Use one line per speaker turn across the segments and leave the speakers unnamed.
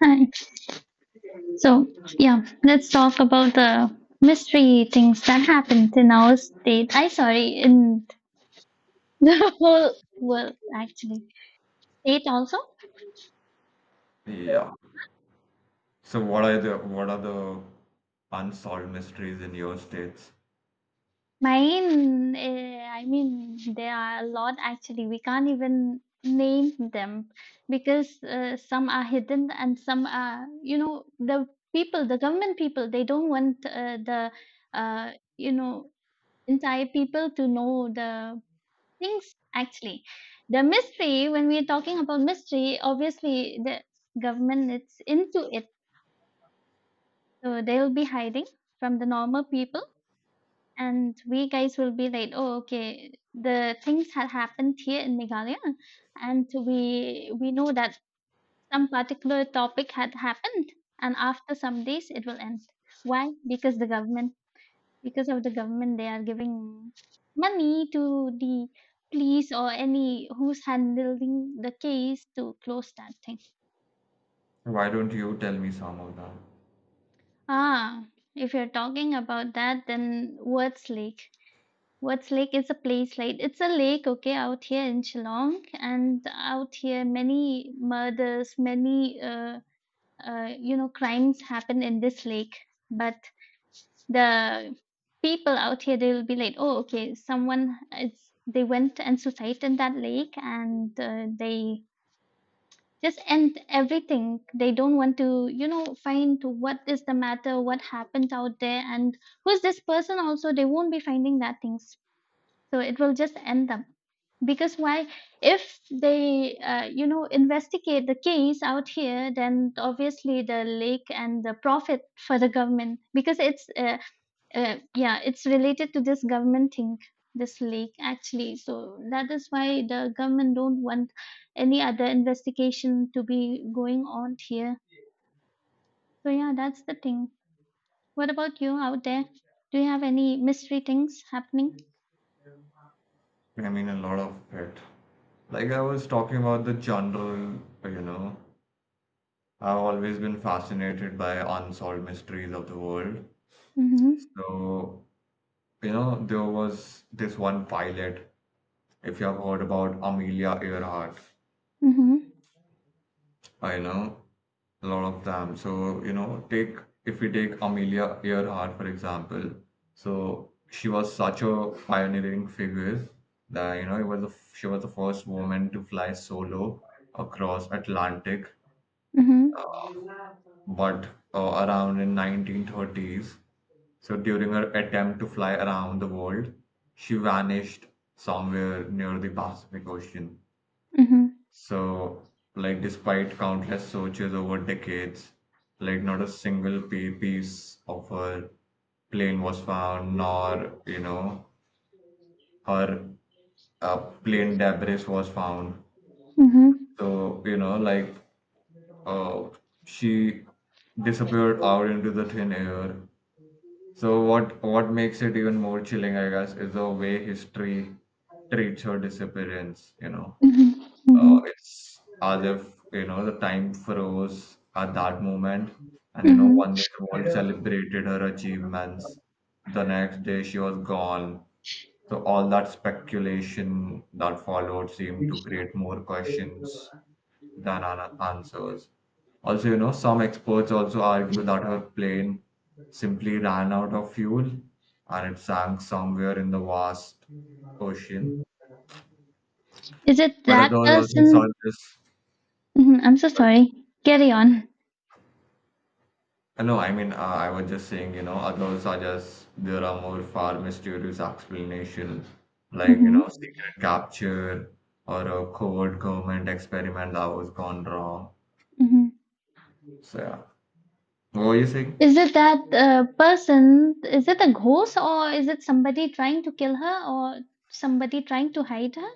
Hi. So, yeah, let's talk about the mystery things that happened in our state. I sorry, in the whole world actually. State also.
Yeah. So what are the unsolved mysteries in your states?
Mine, eh, I mean, there are a lot actually. We can't even name them because some are hidden and some are, you know, the people, the government people, they don't want the, uh, you know, entire people to know the things actually. The mystery, when we are talking about mystery, obviously the government is into it, so they'll be hiding from the normal people, and we guys will be like, oh okay, the things had happened here in Meghalaya, and we know that some particular topic had happened, and after some days it will end. Why? Because the government. Because of the government, they are giving money to the police or any who's handling the case to close that thing.
Why don't you tell me some of them?
Ah, if you're talking about that, then Words Lake. Words Lake is a place, like it's a lake, okay, out here in Shillong, and out here many murders, many you know, crimes happen in this lake, but the people out here, they'll be like, oh okay, someone, it's they went and suicide in that lake, and they just end everything. They don't want to, you know, find what is the matter, what happened out there, and who's this person also. They won't be finding that things, so it will just end up. Because why? If they you know, investigate the case out here, then obviously the lake and the profit for the government, because it's yeah, it's related to this government thing, this lake actually. So that is why the government don't want any other investigation to be going on here. So yeah, that's the thing. What about you out there? Do you have any mystery things happening?
I mean, a lot of it. Like I was talking about the general, you know, I've always been fascinated by unsolved mysteries of the world.
Mm-hmm.
So, you know, there was this one pilot, if you have heard about Amelia Earhart.
Mm-hmm.
I know a lot of them. So, you know, take if we take Amelia Earhart for example. So she was such a pioneering figure that you know she was the first woman to fly solo across Atlantic,
Mm-hmm.
but around in 1930s. So during her attempt to fly around the world, she vanished somewhere near the Pacific Ocean.
Mm-hmm.
So, like, despite countless searches over decades, like, not a single piece of her plane was found, nor, you know, her uh, plane debris was found.
Mm-hmm.
So, you know, like, uh, she disappeared out into the thin air. So, what makes it even more chilling, I guess, is the way history treats her disappearance, you know.
Mm-hmm.
uh,
Mm-hmm.
it's as if you know the time froze at that moment, and you know
Hmm.
one day the world celebrated her achievements. The next day she was gone. So all that speculation that followed seemed to create more questions than answers. Also, you know, some experts also argue that her plane simply ran out of fuel and it sank somewhere in the vast ocean.
Is it
But others
that
also
person?
suggest.
Hmm. I'm so sorry. Carry on.
No, I mean, I was just saying, you know, others are just, there are more far mysterious explanation, like, you know,
Hmm.
secret capture or a covert government experiment that was gone wrong.
Hmm.
So, yeah. What were you saying?
Is it that person? Is it a ghost, or is it somebody trying to kill her, or somebody trying to hide her?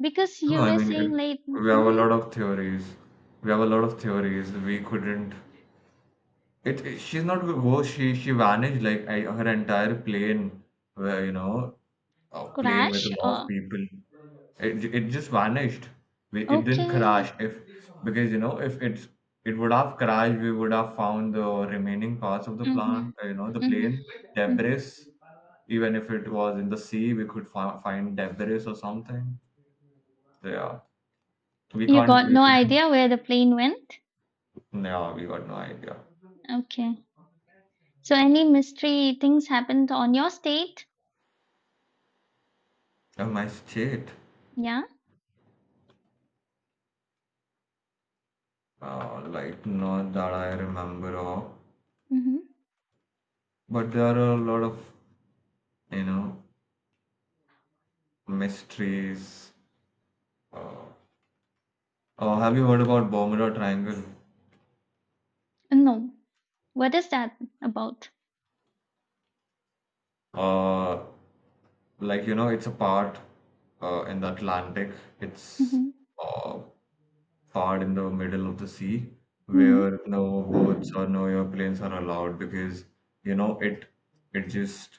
Because you
No, I
were
mean, it,
saying like,
we have a
hmm,
lot of theories. We have a lot of theories. We couldn't. She's not. Oh, she vanished like I, her entire plane. Where you know, a plane with
crash
a lot of
or
people. It just vanished. We, it didn't
okay.
crash. If because you know if it's it would have crashed, we would have found the remaining parts of the
Hmm.
plant. You know the
Hmm.
plane
Hmm.
debris. Even if it was in the sea, we could find debris or something. So, yeah, we
You
can't.
got
We
no
couldn't.
idea where the plane went.
No, we got no idea.
Okay. So any mystery things happened on your state?
My state,
Yeah.
like not that I remember of,
Hmm.
but there are a lot of you know mysteries. Uh, oh, have you heard about Bermuda Triangle?
No. What is that about?
Uh, like you know, it's a part in the Atlantic. It's
Hmm.
uh, part in the middle of the sea
Mm-hmm.
where no boats or no airplanes are allowed because you know it just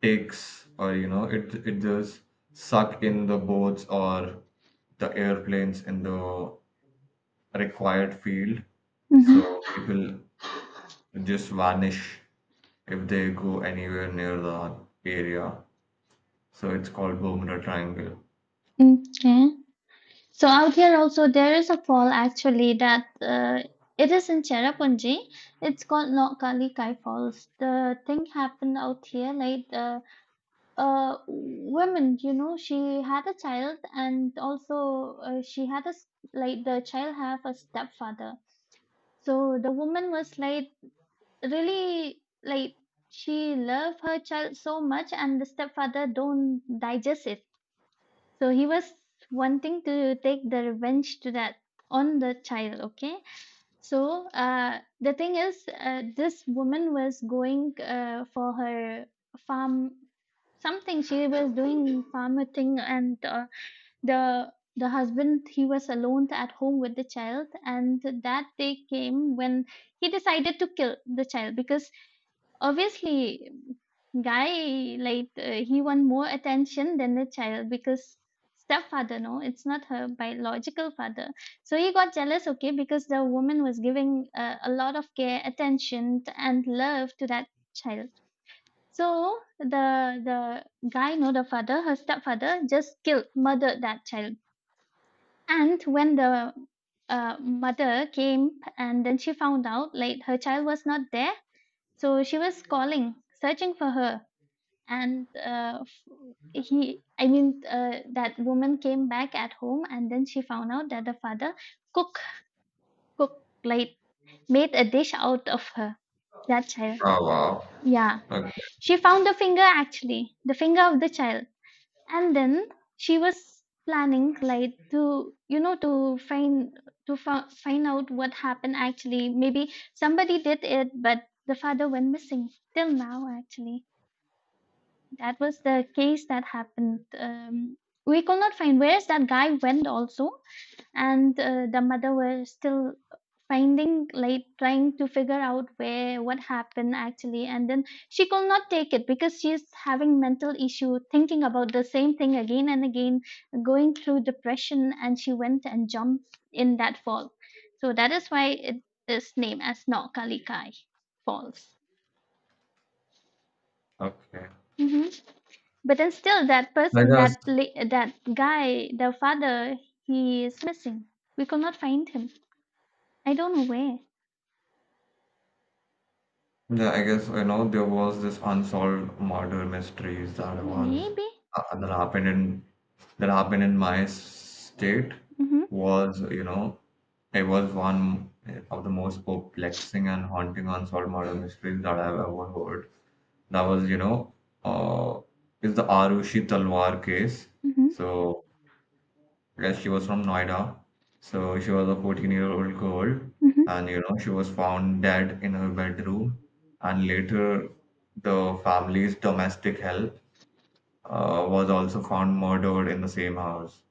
takes or you know it just suck in the boats or the airplanes in the required field. So
Mm-hmm.
people just vanish if they go anywhere near the area. So it's called Bermuda Triangle.
Okay. So out here also there is a fall actually, that it is in Cherrapunji. It's called Lokali Kai Falls. The thing happened out here, like the woman, you know, she had a child, and also she had a s- like the child have a stepfather. So the woman was like really like, she loved her child so much, and the stepfather don't digest it, so he was wanting to take the revenge to that on the child, okay. So the thing is, this woman was going for her farm, something, she was doing farmer thing, and the husband, he was alone at home with the child, and that day came when he decided to kill the child, because obviously, guy like he want more attention than the child, because stepfather no, it's not her biological father, so he got jealous, okay. Because the woman was giving a lot of care, attention and love to that child, so the guy no, the father, her stepfather, just killed, murdered that child. And when the mother came, and then she found out like her child was not there, so she was calling, searching for her, and he, I mean, that woman came back at home, and then she found out that the father cook, like made a dish out of her, that child.
Oh, wow.
Yeah,
Okay.
she found the finger, actually the finger of the child, and then she was planning like to, you know, to find, to find out what happened actually, maybe somebody did it, but the father went missing till now actually. That was the case that happened. We could not find where's that guy went also, and the mother was still finding, like trying to figure out where, what happened actually, and then she could not take it, because she's having mental issue, thinking about the same thing again and again, going through depression, and she went and jumped in that fall. So that is why it is named as Naukalikai Falls.
Okay.
Mhm. But then still, that
I
person,
guess.
that that guy, the father, he is missing. We could not find him. I don't know where.
Yeah, I guess you know there was this unsolved murder mysteries that was
Maybe.
uh, that happened in that happened in my state
Mhm.
was you know it was one of the most perplexing and haunting unsolved murder mysteries that I've ever heard. That was you know uh, is the Arushi Talwar case.
Mhm.
So yes, she was from Noida. So she was a 14-year-old girl,
Mhm.
and you know, she was found dead in her bedroom. And later, the family's domestic help was also found murdered in the same house.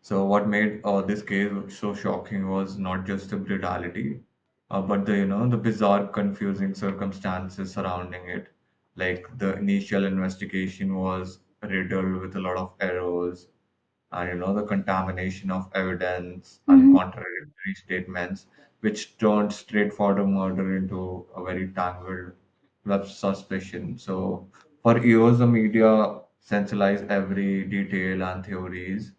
So what made this case so shocking was not just the brutality, but the you know the bizarre, confusing circumstances surrounding it. Like the initial investigation was riddled with a lot of errors and you know the contamination of evidence and
Mhm.
contradictory statements, which turned straightforward murder into a very tangled web of suspicion. So for years, the media centralized every detail and theories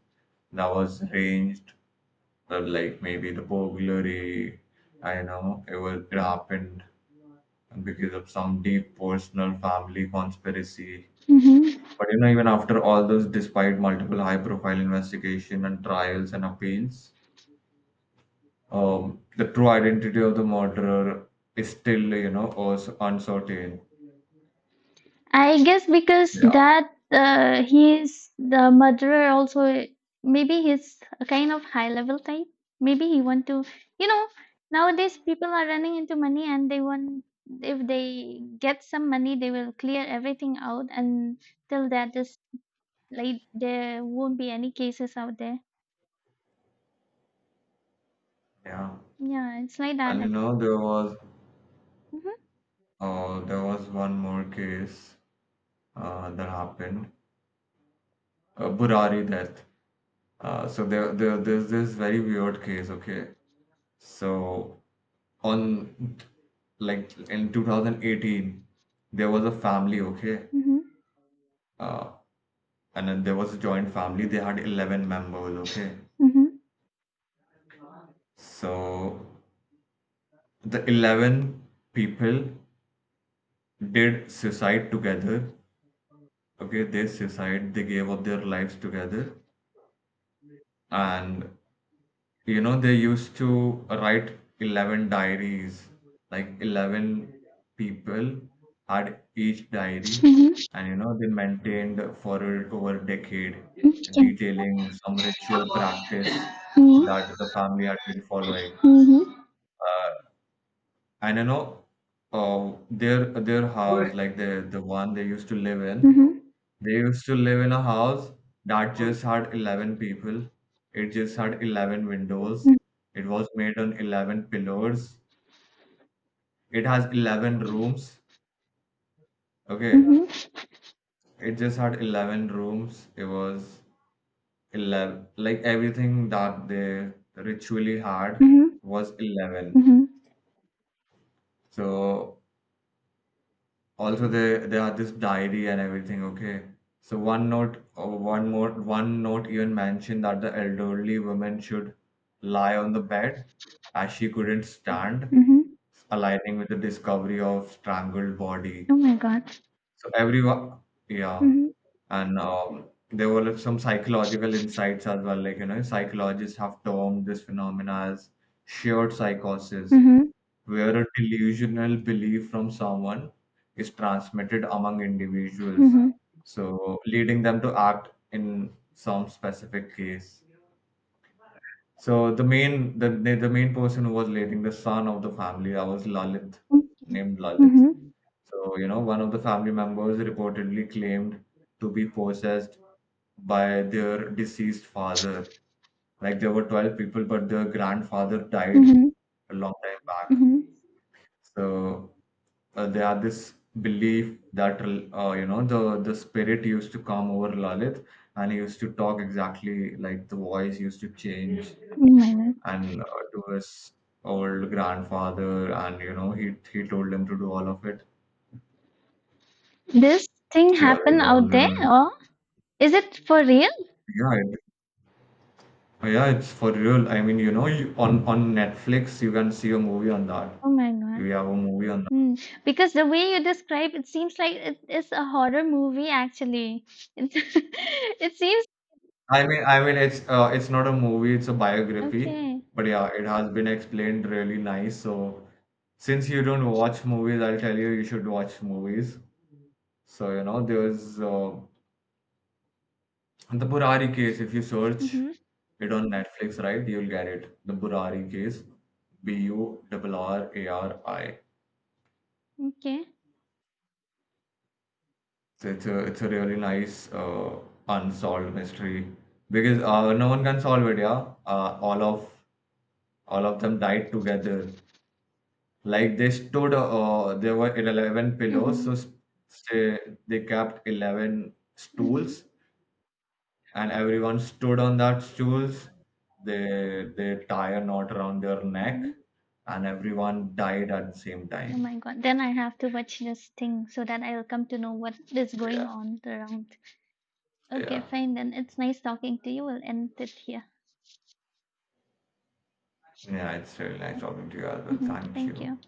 that was arranged, like maybe the burglary. I know it was it happened because of some deep personal family conspiracy,
Mhm.
but you know, even after all this, despite multiple high-profile investigation and trials and appeals, the true identity of the murderer is still, you know, uncertain.
I guess because
Yeah.
that he's the murderer. Also, maybe he's a kind of high level type. Maybe he want to. You know, nowadays people are running into money, and they want, if they get some money, they will clear everything out, and till that is, like there won't be any cases out there.
Yeah,
Yeah, it's like that.
and you know,
Mm-hmm.
there was one more case that happened, Burari death. So there's this very weird case. Okay, so on like in 2018, there was a family. Okay,
Mhm.
uh, and then there was a joint family, they had 11 members, okay?
Mhm.
So the 11 people did suicide together. Okay, they suicide, they gave up their lives together. And you know they used to write 11 diaries, like 11 people had each diary,
Mhm.
and you know they maintained for over a decade, detailing some ritual practice
Mhm.
that the family had been following.
Mhm.
Uh, And I know their house, like the one they used to live in,
Mhm.
they used to live in a house that just had 11 people. It just had 11 windows. It was made on 11 pillars. It has 11 rooms.
Mhm.
Okay.
Mhm.
It just had 11 rooms. It was 11. Like everything that they ritually had
Mhm.
was 11.
Mhm.
So also they had this diary and everything, okay? So one note or one note even mentioned that the elderly woman should lie on the bed as she couldn't stand,
Mhm.
aligning with the discovery of strangled body.
Oh my god.
So everyone, yeah,
Mhm.
and there were like some psychological insights as well. Like you know, psychologists have termed this phenomena as shared psychosis,
Mhm.
where a delusional belief from someone is transmitted among individuals,
Mhm.
so leading them to act in some specific case. So the main person who was leading the son of the family, that was Lalit, named Lalit.
Mhm.
So, you know, one of the family members reportedly claimed to be possessed by their deceased father. Like there were 12 people, but their grandfather died
Mhm.
a long time back.
Mhm.
So they had this belief that you know the spirit used to come over Lalit and he used to talk exactly, like the voice used to
Oh
change,
my god.
and to his old grandfather, and you know he told him to do all of it.
This thing
So yeah, there
happen
were all
out there,
the.
or is it for real?
Yeah, yeah, it's for real. I mean, you know, you, on Netflix you can see a movie on that.
Oh my god.
We have a movie on that.
Hmm. Because the way you describe it seems like it is a horror movie actually. It, it seems
I mean, it's not a movie, it's a biography.
okay.
But yeah, it has been explained really nice. So since you don't watch movies, I'll tell you you should watch movies. So you know, there's the Burari case. If you search
Mhm.
it on Netflix, right, you'll get it. The Burari case, Burrari.
Okay.
So it's a really nice unsolved mystery because no one can solve it. Yeah, all of them died together. Like they stood, there were 11 pillows, so
Mhm.
say they kept 11
Mhm.
stools, and everyone stood on that stools. They tie a knot around their neck,
Mhm.
and everyone died at the same
Oh
time.
my God. Then I have to watch this thing so that I'll come to know what is going
Yeah,
on around. Okay,
yeah,
fine then. It's nice talking to you. We'll end it here.
yeah. It's really nice
Okay.
talking to you as well.
Mhm.
Thank
Thank
you.
you.